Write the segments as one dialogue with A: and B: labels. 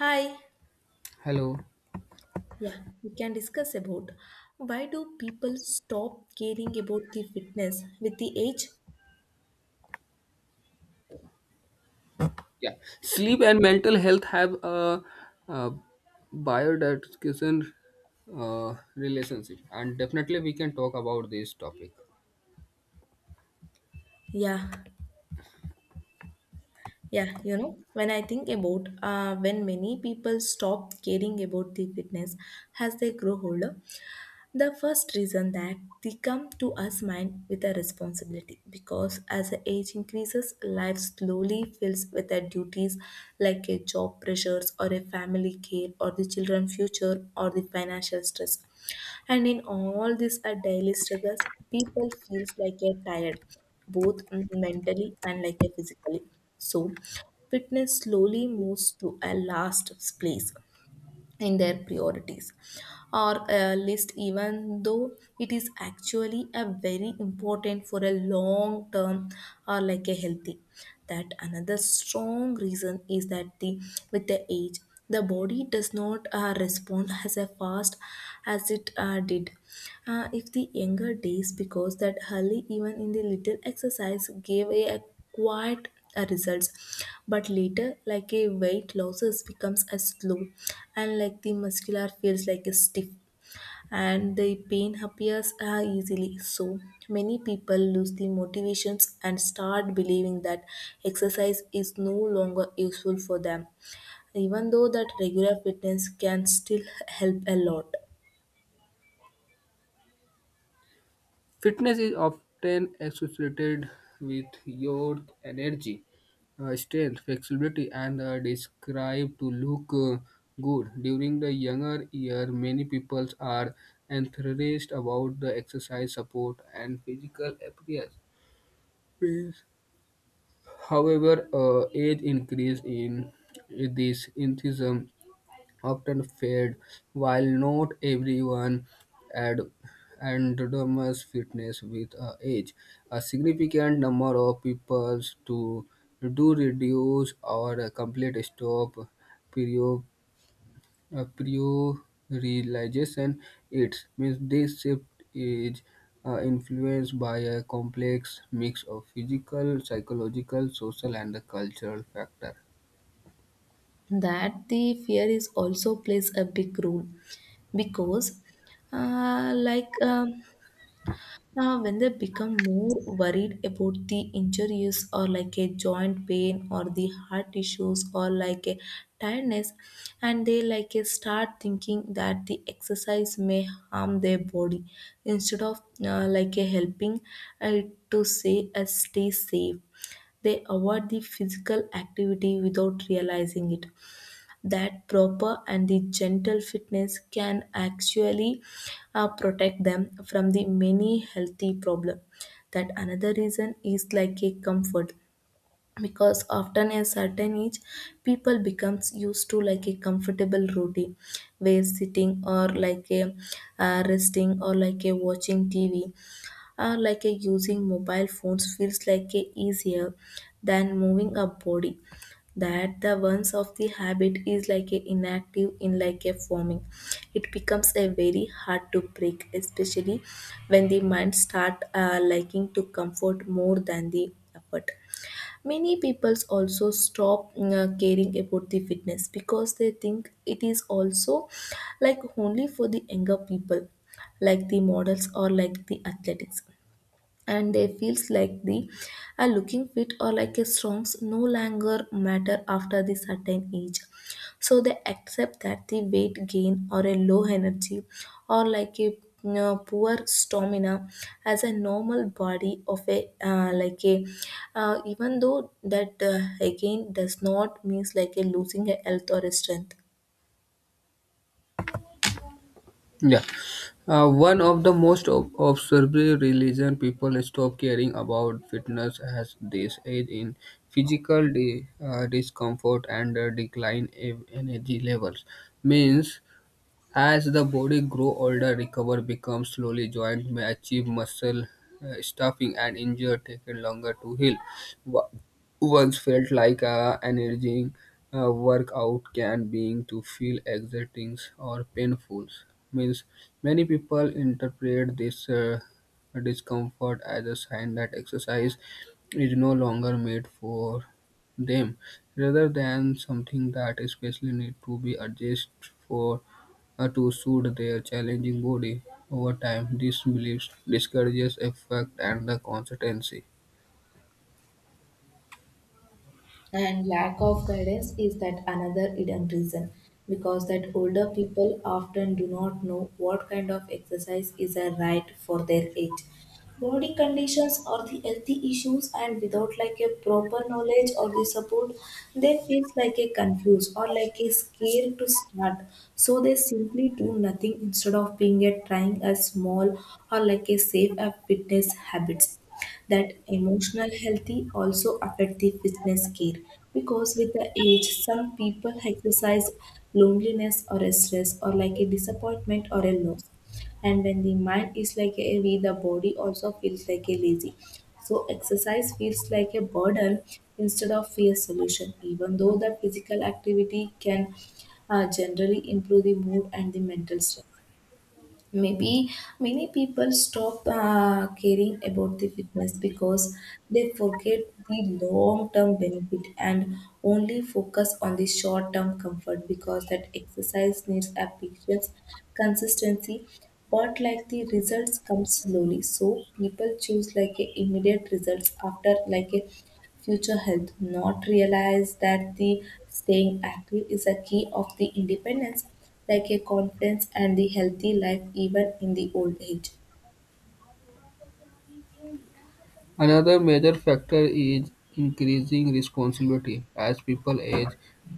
A: Hi.
B: Hello.
A: Yeah, we can discuss about why do people stop caring about the fitness with the age?
B: Yeah, sleep and mental health have a, uh biodigestion relationship, and definitely we can talk about this topic.
A: Yeah, yeah, when I think about when many people stop caring about the fitness as they grow older, the first reason that they come to us mind with a responsibility because as the age increases, life slowly fills with the duties like a job pressures or a family care or the children future or the financial stress. And in all these are daily struggles, people feels like a tired, both mentally and like a physically. So fitness slowly moves to a last place in their priorities or a list even though it is actually a very important for a long term or like a healthy. That another strong reason is that the with the age the body does not respond as a fast as it did if the younger days because that early even in the little exercise gave a quiet results, but later like a weight losses becomes as slow and like the muscular feels like a stiff and the pain appears easily. So many people lose the motivations and start believing that exercise is no longer useful for them even though that regular fitness can still help a lot.
B: Fitness is often associated with your energy, strength, flexibility, and described to look good. During the younger year, many people are enthused about the exercise support and physical appearance. However, age increase in this enthusiasm often fade, while not everyone ad- endures fitness with age. A significant number of people to do reduce or a complete stop period a prioritization. It means this shift is influenced by a complex mix of physical, psychological, social, and the cultural factor.
A: That the fear is also plays a big role because uh, like um, now, when they become more worried about the injuries or like a joint pain or the heart issues or like a tiredness, and they like a start thinking that the exercise may harm their body instead of like a helping uh, to say stay safe. They avoid the physical activity without realizing it that proper and the gentle fitness can actually protect them from the many healthy problem. That another reason is like a comfort because often a certain age people becomes used to like a comfortable routine where sitting or like a resting or like a watching tv like a using mobile phones feels like a easier than moving a body. That the ones of the habit is like a inactive in like a forming, it becomes a very hard to break, especially when the mind start liking to comfort more than the effort. Many peoples also stop caring about the fitness because they think it is also like only for the younger people, like the models or like the athletics, and they feels like the a looking fit or like a songs no longer matter after the certain age. So they accept that the weight gain or a low energy or like a you poor stamina as a normal body of a even though that again does not means like a losing a health or a strength.
B: Yeah, one of the most observed religion people stop caring about fitness as this age in physical discomfort and decline in energy levels means as the body grows older, recovery becomes slowly. Joints may achieve muscle stuffing and injury taken longer to heal. Wha- Once felt like a energizing workout can being to feel exerting or painful. Means many people interpret this discomfort as a sign that exercise is no longer made for them rather than something that especially need to be adjusted for to suit their challenging body. Over time, this belief discourages effect and the consistency.
A: And lack of guidance is that another hidden reason because that older people often do not know what kind of exercise is a right for their age body conditions or the healthy issues, and without like a proper knowledge or the support they feel like a confused or like a scared to start. So they simply do nothing instead of being a trying a small or like a safe a fitness habits. That emotional healthy also affect the fitness care because with the age some people exercise loneliness or a stress or like a disappointment or a loss, and when the mind is like heavy the body also feels like a lazy, so exercise feels like a burden instead of fear solution, even though the physical activity can generally improve the mood and the mental strength. Maybe many people stop caring about the fitness because they forget the long term benefit and only focus on the short term comfort, because that exercise needs a patience, consistency, but like the results come slowly. So people choose like a immediate results after like a future health, not realize that the staying active is a key of the independence like a confidence and the healthy life even in the old age.
B: Another major factor is increasing responsibility. As people age,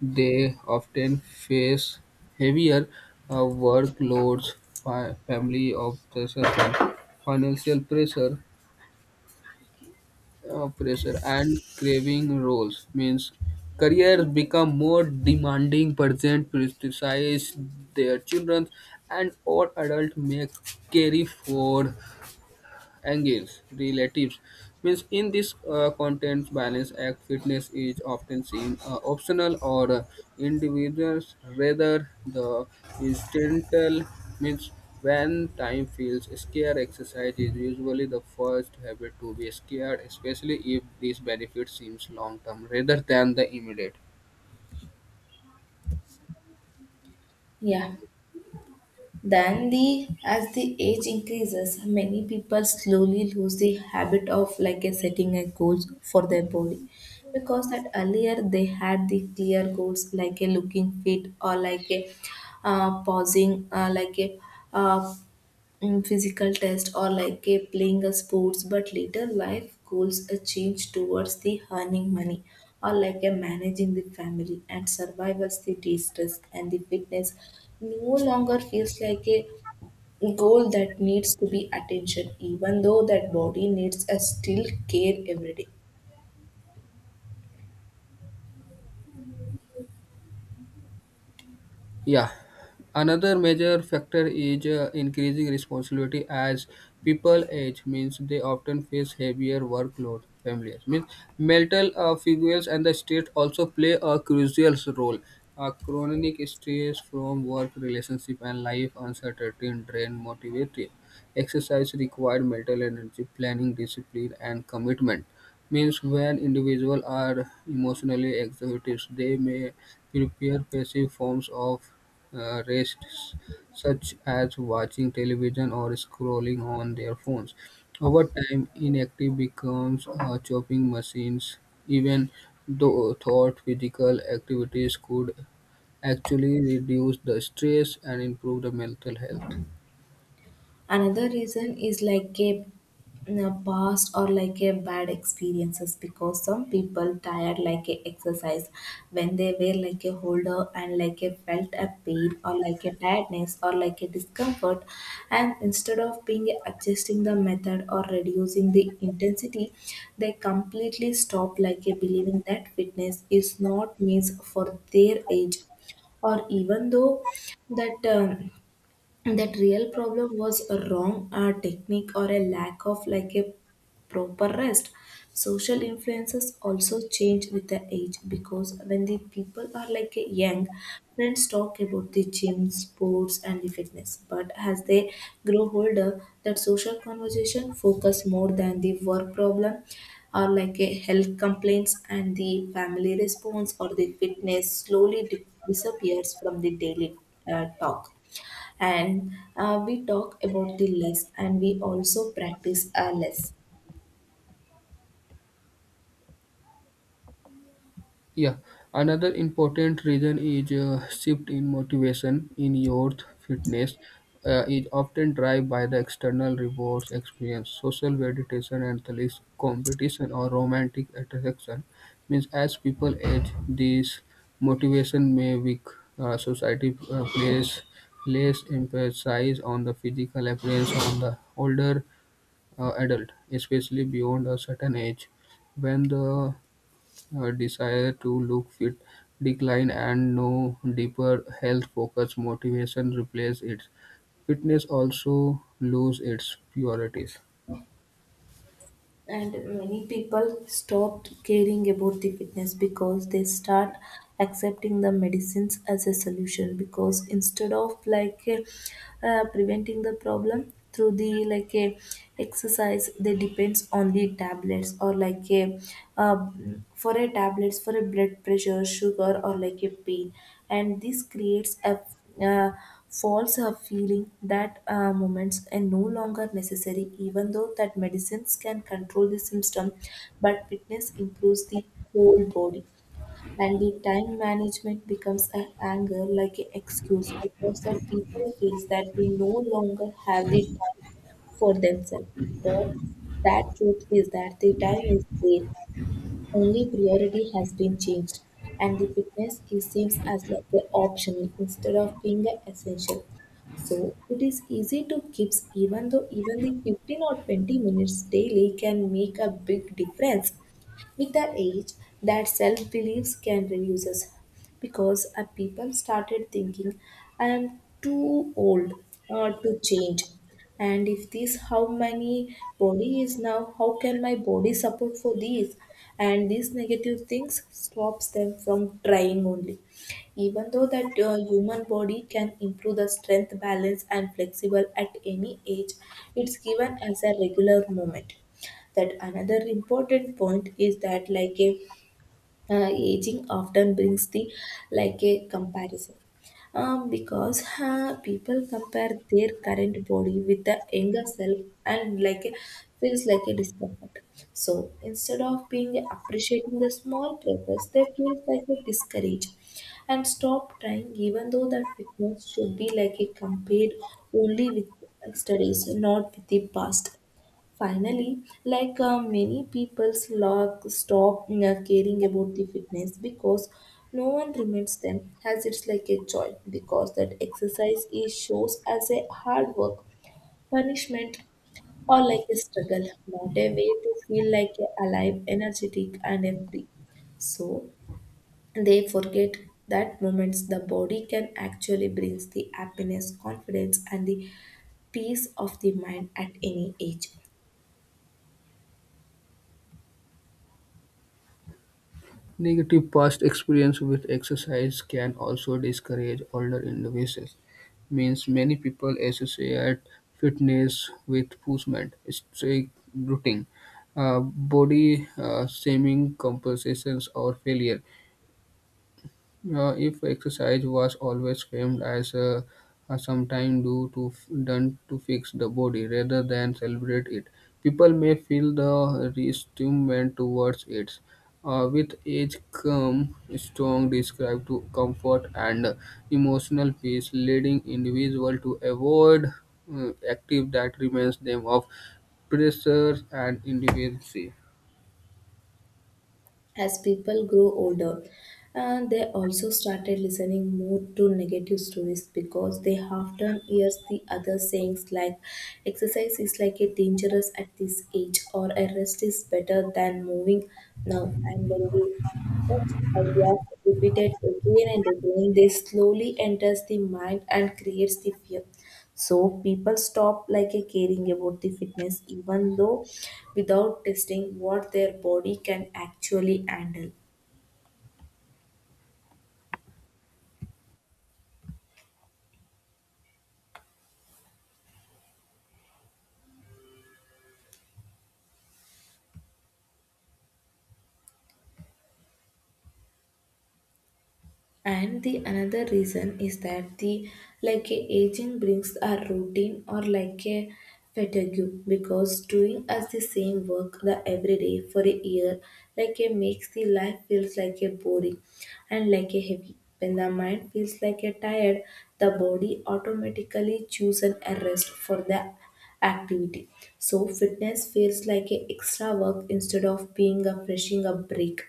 B: they often face heavier uh, workloads, family obligations, and financial pressure. Uh, pressure and craving roles means careers become more demanding parents criticize their children and all adults may carry for angles relatives means in this content balance act fitness is often seen optional or individuals rather the incidental means when time feels scarce exercise is usually the first habit to be scared especially if this benefit seems long term rather than the immediate.
A: Yeah, then the as the age increases many people slowly lose the habit of like a setting a goals for their body because that earlier they had the clear goals like a looking fit or like a pausing uh, physical test or like a playing a sports, but later life goals a change towards the earning money or like a managing the family and survivors the distress, and the fitness no longer feels like a goal that needs to be attention, even though that body needs a still care every day.
B: Yeah, another major factor is increasing responsibility as people age means they often face heavier workload families means mental figures and the state also play a crucial role. Uh, chronic stress from work relationship and life uncertainty drain motivation exercise require mental energy planning discipline and commitment means when individuals are emotionally exhauted, they may prepare passive forms of rest, such as watching television or scrolling on their phones. Over time, inactive becomes a chopping machines. Even though thought physical activities could actually reduce the stress and improve the mental health.
A: Another reason is like a past or like a bad experiences because some people tired like a exercise when they were like a holder and like a felt a pain or like a tiredness or like a discomfort, and instead of being adjusting the method or reducing the intensity they completely stop like a believing that fitness is not means for their age, or even though that that real problem was a wrong technique or a lack of like a proper rest. Social influences also change with the age because when the people are like a young, friends talk about the gym sports and the fitness, but as they grow older that social conversation focus more than the work problem or like a health complaints and the family response, or the fitness slowly disappears from the daily talk, and we talk about the less and we also practice our less.
B: Yeah, another important reason is shift in motivation in youth. Fitness is often driven by the external rewards, experience, social validation, and the least competition or romantic attraction. Means as people age, this motivation may weak. Society plays less emphasis on the physical appearance on the older adult, especially beyond a certain age, when the desire to look fit decline and no deeper health focused motivation replace it. Fitness also lose its purities.
A: And many people stopped caring about the fitness because they start accepting the medicines as a solution, because instead of preventing the problem through the like a exercise they depends on the tablets or like a uh, for a tablets for a blood pressure sugar or like a pain, and this creates a uh, falls a feeling that moments are no longer necessary, even though that medicines can control the symptom, but fitness improves the whole body. And the time management becomes an anger like an excuse because that people feels that they no longer have the time for themselves. But that truth is that the time is there, only priority has been changed, and the fitness is seems as like an optional instead of being an essential. So it is easy to keep, even though even the 15 or 20 minutes daily can make a big difference. With the age, that self beliefs can reduces because people started thinking, I am too old to change. And if this, how many body is now, how can my body support for these? And these negative things stops them from trying only. Even though that human body can improve the strength, balance, and flexible at any age, it's given as a regular moment. That another important point is that like a aging often brings the like a comparison because people compare their current body with the younger self and like a, feels like a discomfort, so instead of being appreciating the small progress they feel like a discouraged and stop trying, even though that fitness should be like a compared only with studies, not with the past. Finally, like many people's log stop caring about the fitness because no one reminds them as it's like a joy, because that exercise is shows as a hard work, punishment, or like a struggle, not a way to feel like a alive, energetic, and a free. So they forget that moments the body can actually brings the happiness, confidence, and the peace of the mind at any age.
B: Negative past experience with exercise can also discourage older individuals. Means many people associate fitness with punishment, strict routine, body shaming, compensations, or failure. If exercise was always framed as a sometime do to done to fix the body rather than celebrate it, people may feel the resentment towards it. With age come strong describe to comfort and emotional peace, leading individual to avoid active that reminds them of pressures and individuality.
A: As people grew older and they also started listening more to negative stories because they often hear the other sayings like exercise is like a dangerous at this age or a rest is better than moving now, and when they such ideas repeated again and again they slowly enters the mind and creates the fear, so people stop like a caring about the fitness even though without testing what their body can actually handle. And the another reason is that the like a aging brings a routine or like a fatigue because doing as the same work the every day for a year like a makes the life feels like a boring and like a heavy. When the mind feels like a tired, the body automatically chooses a rest for the activity. So fitness feels like a extra work instead of being a freshing up break,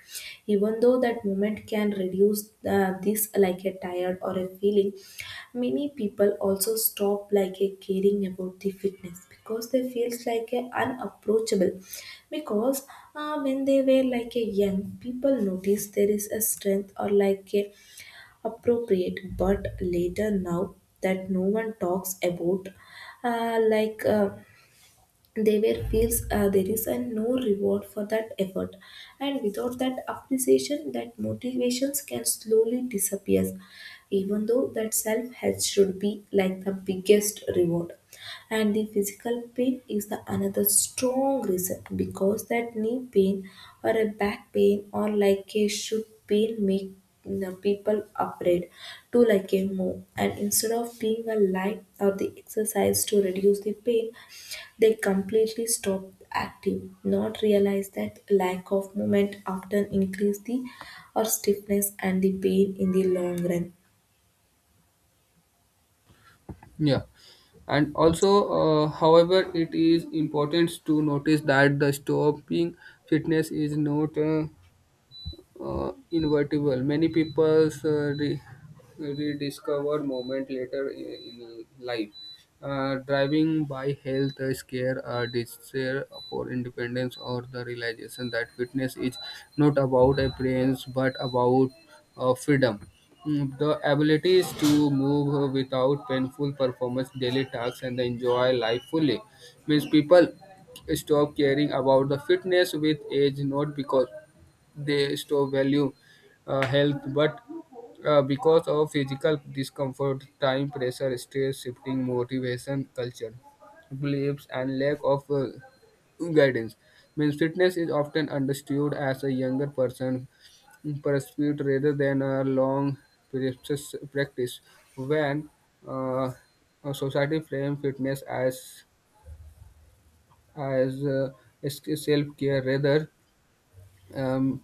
A: even though that moment can reduce this like a tired or a feeling. Many people also stop like a caring about the fitness because they feels like a unapproachable. Because when they were like a young, people notice there is a strength or like a appropriate, but later now that no one talks about, like. They were feels there is a no reward for that effort, and without that appreciation that motivations can slowly disappears, even though that self help should be like the biggest reward. And the physical pain is the another strong reason because that knee pain or a back pain or like a shoot pain make the people afraid to like a move, and instead of being a light or the exercise to reduce the pain they completely stop active, not realize that lack of movement often increase the or stiffness and the pain in the long run.
B: Yeah, and also, however, it is important to notice that the stopping fitness is not invertible. Many people rediscover moment later in life. Driving by health scare or desire for independence or the realization that fitness is not about appearance but about freedom. Mm, the abilities to move without painful performance, daily tasks, and enjoy life fully means people stop caring about the fitness with age, not because they store value health but because of physical discomfort time pressure stress shifting motivation culture beliefs and lack of guidance means fitness is often understood as a younger person pursuit rather than a long practice. When uh, a society frame fitness as as self care rather um,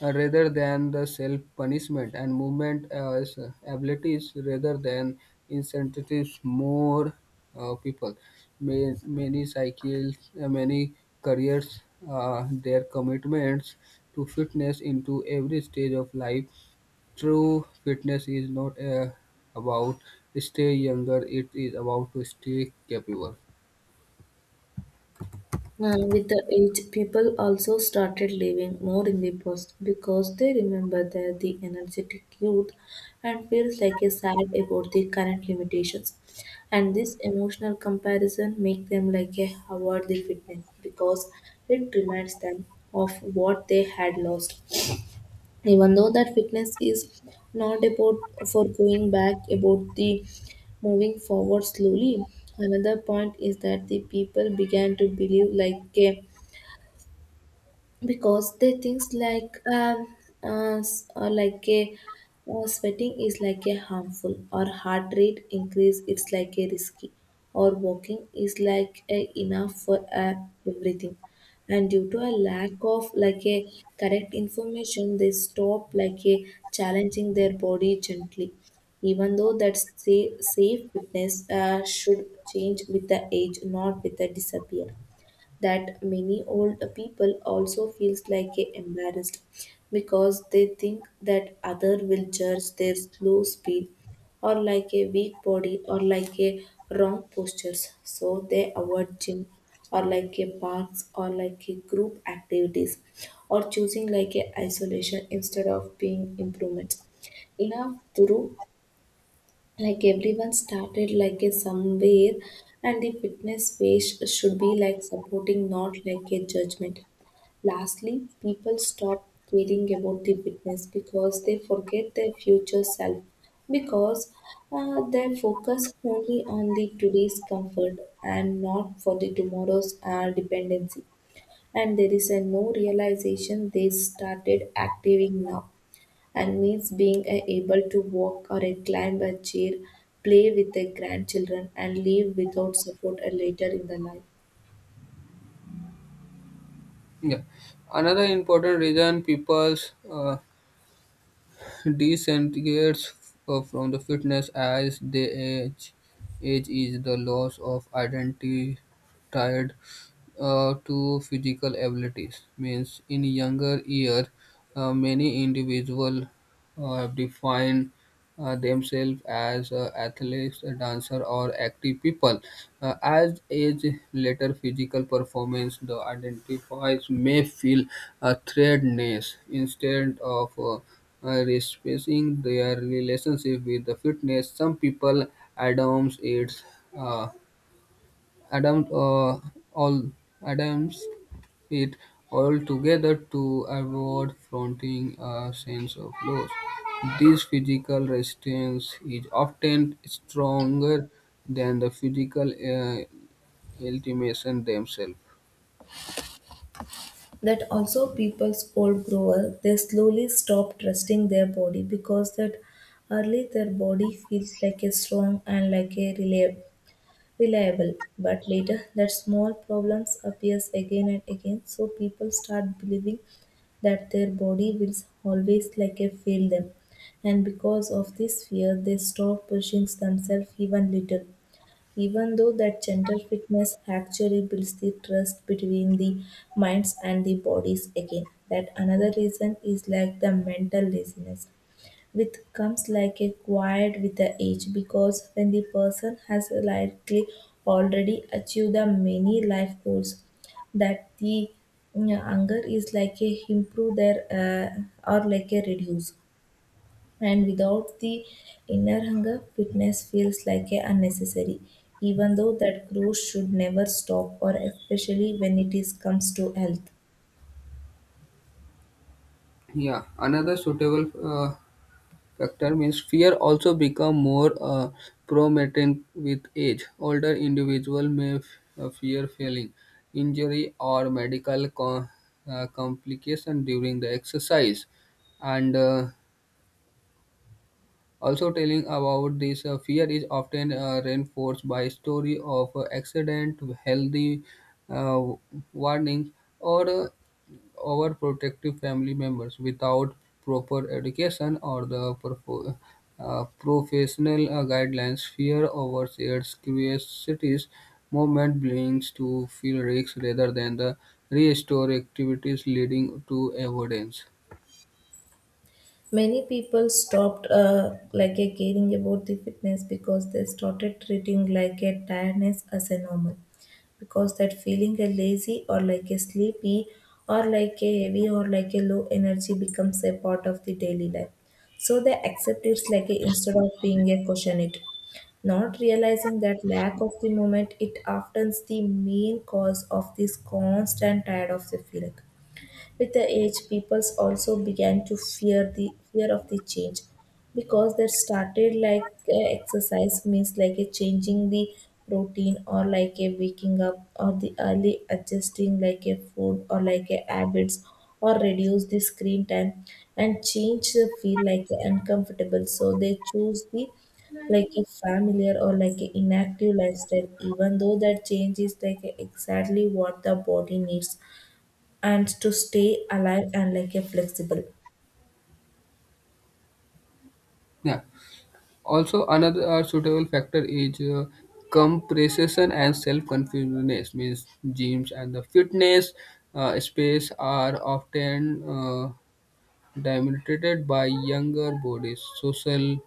B: rather than the self-punishment and movement as abilities rather than incentives more people. Many cycles, many careers, their commitments to fitness into every stage of life. True fitness is not about stay younger, it is about to stay capable.
A: With the age, people also started living more in the past because they remember that the energetic youth and feels like a sad about the current limitations. And this emotional comparison make them like a award the fitness because it reminds them of what they had lost, even though that fitness is not about for going back about the moving forward slowly. Another point is that the people began to believe like a, because they thinks like like a sweating is like a harmful, or heart rate increase it's like a risky, or walking is like a enough for everything, and due to a lack of like a correct information they stop like a challenging their body gently, even though that safe fitness should change with the age, not with the disappear. That many old people also feels like a embarrassed because they think that other will judge their slow speed or like a weak body or like a wrong postures, so they avoid gym or like a parks or like a group activities, or choosing like a isolation instead of being improvements enough Duru, like everyone started like a somewhere, and the fitness space should be like supporting, not like a judgment. Lastly, people stop caring about the fitness because they forget their future self, because they focus only on the today's comfort and not for the tomorrow's dependency. And there is a no realization they started acting now, and means being able to walk or a climb a chair, play with their grandchildren, and live without support a later in the life.
B: Yeah. Another important reason people disintegrates from the fitness as they age. Age is the loss of identity, tired to physical abilities. Means in younger years, many individuals have defined themselves as athletes, a dancer, or active people. As age later physical performance, the identifies may feel a threatened instead of respecting their relationship with the fitness. Some people adorns it. Adam, all Adams it all together to avoid fronting a sense of loss. This physical resistance is often stronger than the physical ultimations themselves.
A: That also people's old grower, they slowly stop trusting their body, because that early their body feels like a strong and like a reliable. But later, that small problems appears again and again, so people start believing that their body will always like a fail them, and because of this fear, they stop pushing themselves even little. Even though that gentle fitness actually builds the trust between the minds and the bodies again. That another reason is like the mental laziness with comes like a quiet with the age, because when the person has likely already achieved the many life goals, that the anger is like a improve their or like a reduce, and without the inner hunger fitness feels like a unnecessary, even though that growth should never stop, or especially when it is comes to health.
B: Yeah, another suitable factor means fear also become more prominent with age. Older individual may fear failing, injury, or medical complication during the exercise, and also telling about this fear is often reinforced by story of accident, healthy uh, warnings, or overprotective family members without proper education or the professional guidelines. Fear overshares curiosities movement brings to feel risks rather than the restorative activities leading to avoidance.
A: Many people stopped like a caring about the fitness because they started treating like a tiredness as a normal. Because that feeling a lazy or like a sleepy or like a heavy or like a low energy becomes a part of the daily life. So they accept it like a instead of being a caution it, not realizing that lack of the moment it often is the main cause of this constant tired of the feeling. With the age, peoples also began to fear the fear of the change, because they started like exercise means like a changing the routine or like a waking up or the early adjusting like a food or like a habits or reduce the screen time, and change the feel like uncomfortable, so they choose the like a familiar or like a inactive lifestyle, even though that change is like exactly what the body needs and to stay alive and like a flexible.
B: Yeah. Also, another suitable factor is compression and self-confidence. Means gyms and the fitness space are often dominated by younger bodies. Social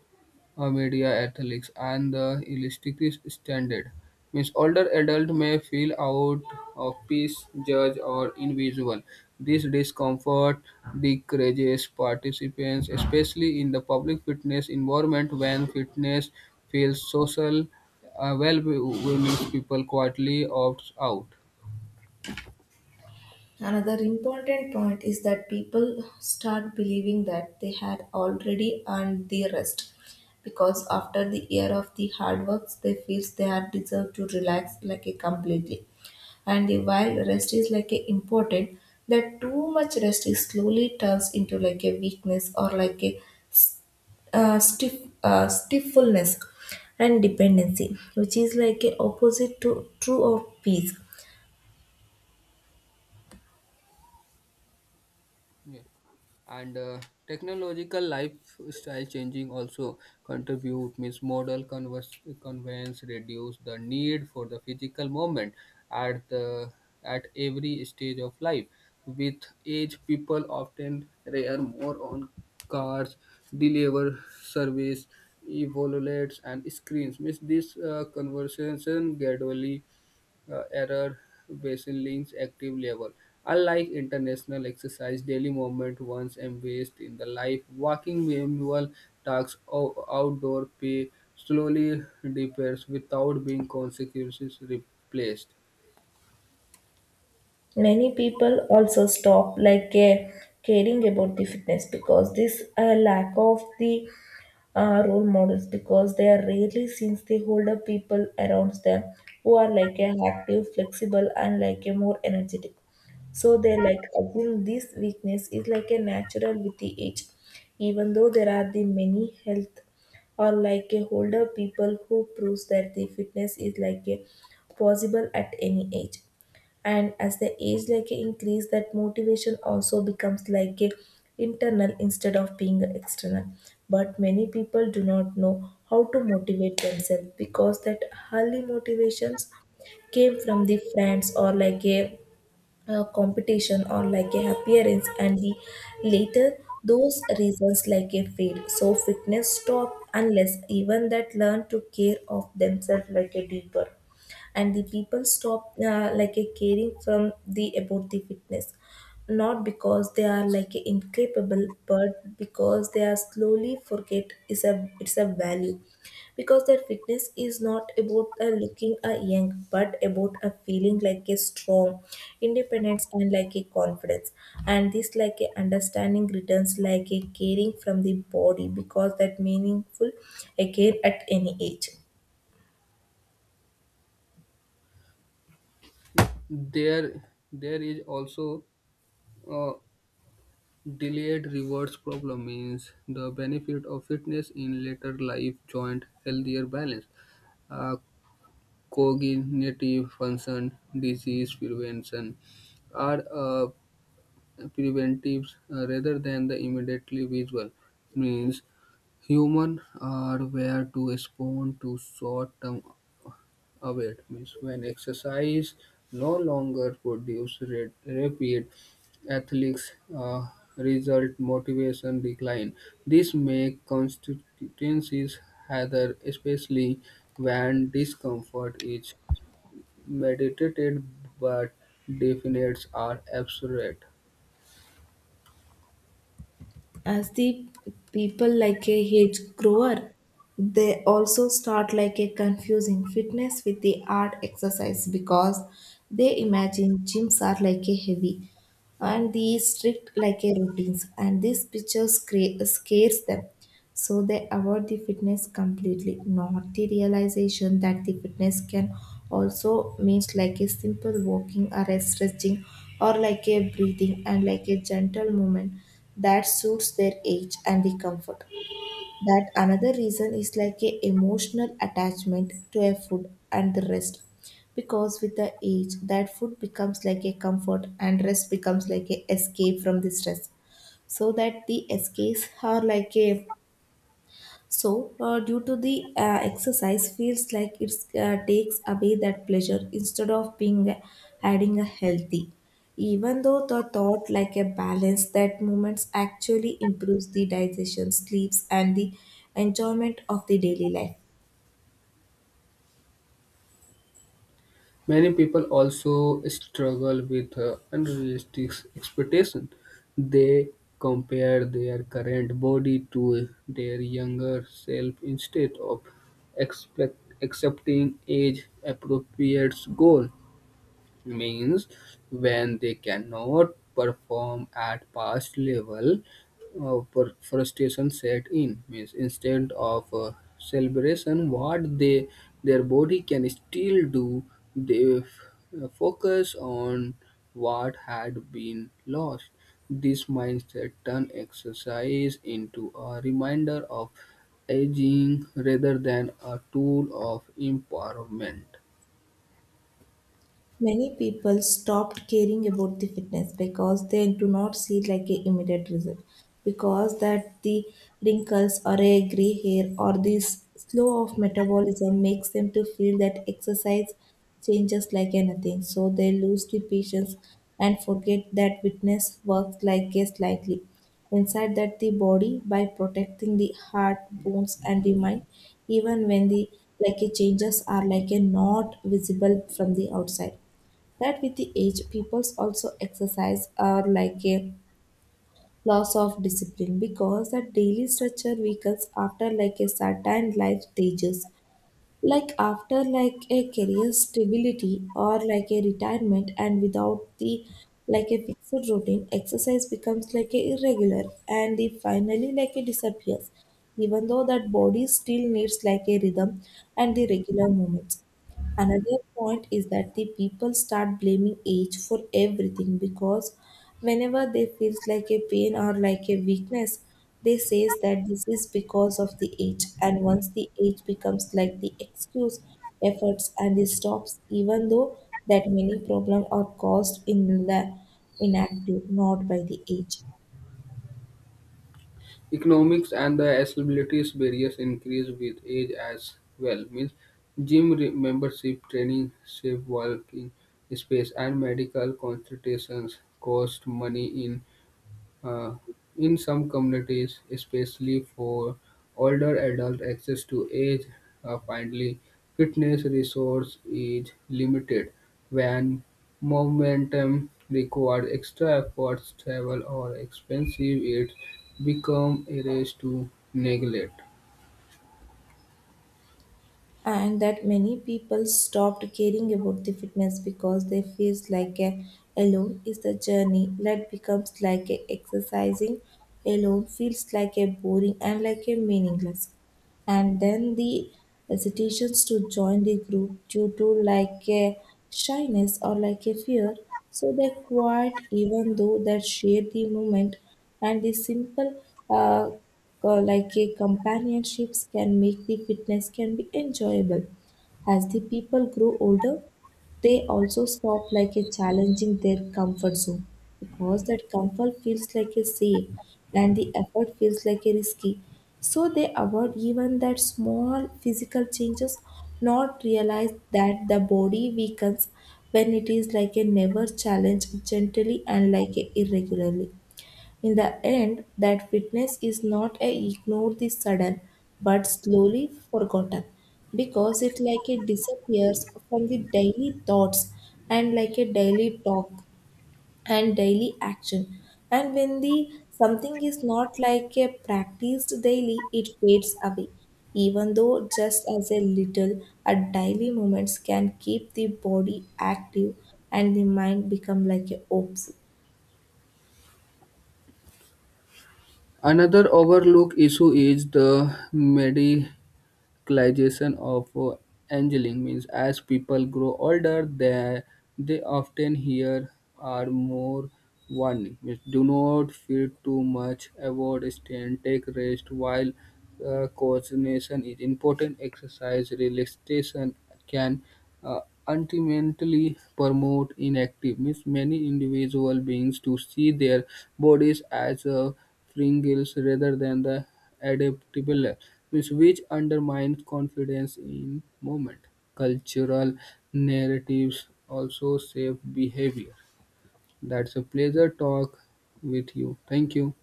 B: media ethics and the realistic standard. Means older adult may feel out of peace, judged or invisible. This discomfort decreases participants, especially in the public fitness environment when fitness feels social. Well, means people quietly opt out.
A: Another important point is that people start believing that they had already earned their rest, because after the year of the hard works they feels they are deserved to relax like a completely, and the while rest is like a important, that too much rest is slowly turns into like a weakness or like a stiffness and dependency, which is like a opposite to true of peace.
B: Yeah. And technological lifestyle changing also contribute means model conveyance reduce the need for the physical movement at the at every stage of life. With age, people often rely more on cars, deliver service, evaluates and screens. Means this conversation gradually error baseline's active level. Unlike international exercise, daily movement once embraced in the life, walking manual tasks outdoor pay slowly deepens without being consequences replaced.
A: Many people also stop like caring about the fitness because this lack of the role models, because they are rarely since they hold up people around them who are like a active, flexible, and like a more energetic. So they like assume this weakness is like a natural with the age, even though there are the many health or like a older people who proves that the fitness is like a possible at any age. And as the age like increase, that motivation also becomes like a internal instead of being external, but many people do not know how to motivate themselves, because that early motivations came from the friends or like a competition or like a appearance, and the later those reasons like a fade, so fitness stop unless even that learn to care of themselves like a deeper. And the people stop like a caring from the about the fitness, not because they are like a incapable, but because they are slowly forget is a it's a value, because their fitness is not about a looking a young but about a feeling like a strong independence and like a confidence. And this like a understanding returns like a caring from the body because that meaningful again at any age.
B: There, there is also a delayed rewards problem means the benefit of fitness in later life joint healthier balance. Uh, Cognitive function, disease prevention, are preventives rather than the immediately visual. Means humans are where to respond to short-term await. Means when exercise no longer produce rapid athletes result motivation decline. This make constituencies harder, especially when discomfort is meditated but definitions are abstract.
A: As the people like a hedge grower, they also start like a confusing fitness with the art exercise, because they imagine gyms are like a heavy and the strict like a routines, and these pictures scares them, so they avoid the fitness completely, not the realization that the fitness can also means like a simple walking or a stretching or like a breathing and like a gentle movement that suits their age and the comfort. That another reason is like a emotional attachment to a food and the rest. Because with the age, that food becomes like a comfort and rest becomes like a escape from the stress. So that the escapes are like a so, due to the exercise, feels like it takes away that pleasure instead of being adding a healthy. Even though the thought like a balance that movements actually improves the digestion, sleeps, and the enjoyment of the daily life.
B: Many people also struggle with unrealistic expectations. They compare their current body to their younger self instead of accepting age appropriate goal. Means when they cannot perform at past level frustration set in means instead of celebration what they their body can still do they focus on what had been lost. This mindset turn exercise into a reminder of aging rather than a tool of empowerment.
A: Many people stopped caring about the fitness because they do not see like a immediate result, because that the wrinkles or a gray hair or this slow of metabolism makes them to feel that exercise changes like anything, so they lose the patience and forget that fitness works like a slightly inside that the body by protecting the heart, bones and the mind, even when the like a changes are like a not visible from the outside. That with the age peoples also exercise are like a loss of discipline, because the daily structure weakens after like a certain life stages, like after like a career stability or like a retirement, and without the like a fixed routine exercise becomes like a irregular and it finally like a disappears, even though that body still needs like a rhythm and the regular movements. Another point is that the people start blaming age for everything, because whenever they feels like a pain or like a weakness, they says that this is because of the age. And once the age becomes like the excuse, efforts and the stops, even though that many problems are caused in inactive, not by the age.
B: Economics and the accessibility barriers increase with age as well. Means membership, training, safe working space, and medical consultations cost money uh, in some communities, especially for older adults, access to age-friendly fitness resource is limited when momentum requires extra efforts, travel, or expensive. It becomes a race to neglect.
A: And that many people stopped caring about the fitness because they feels like a alone is the journey, that becomes like a exercising alone feels like a boring and like a meaningless, and then the hesitations to join the group due to like a shyness or like a fear. So they quiet, even though that share the moment and the simple uh, like a companionships can make the fitness can be enjoyable. As the people grow older, they also stop like a challenging their comfort zone, because that comfort feels like a safe and the effort feels like a risky, so they avoid even that small physical changes, not realize that the body weakens when it is like a never challenge gently and like a irregularly. In the end, that fitness is not a ignore the sudden but slowly forgotten, because it like it disappears from the daily thoughts and like a daily talk and daily action. And when the something is not like a practiced daily, it fades away. Even though just as a little, a daily moments can keep the body active and the mind become like a ops.
B: Another overlooked issue is the medication glycation of aging means as people grow older, they often hear are more warning. Means do not feed too much, avoid strain, take rest while coordination is important. Exercise relaxation can uh, ultimately promote inactive. Means many individual beings to see their bodies as a fringes rather than the adaptable, which undermines confidence in movement. Cultural narratives also shape behavior. That's a pleasure talk with you. Thank you.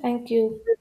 A: Thank you.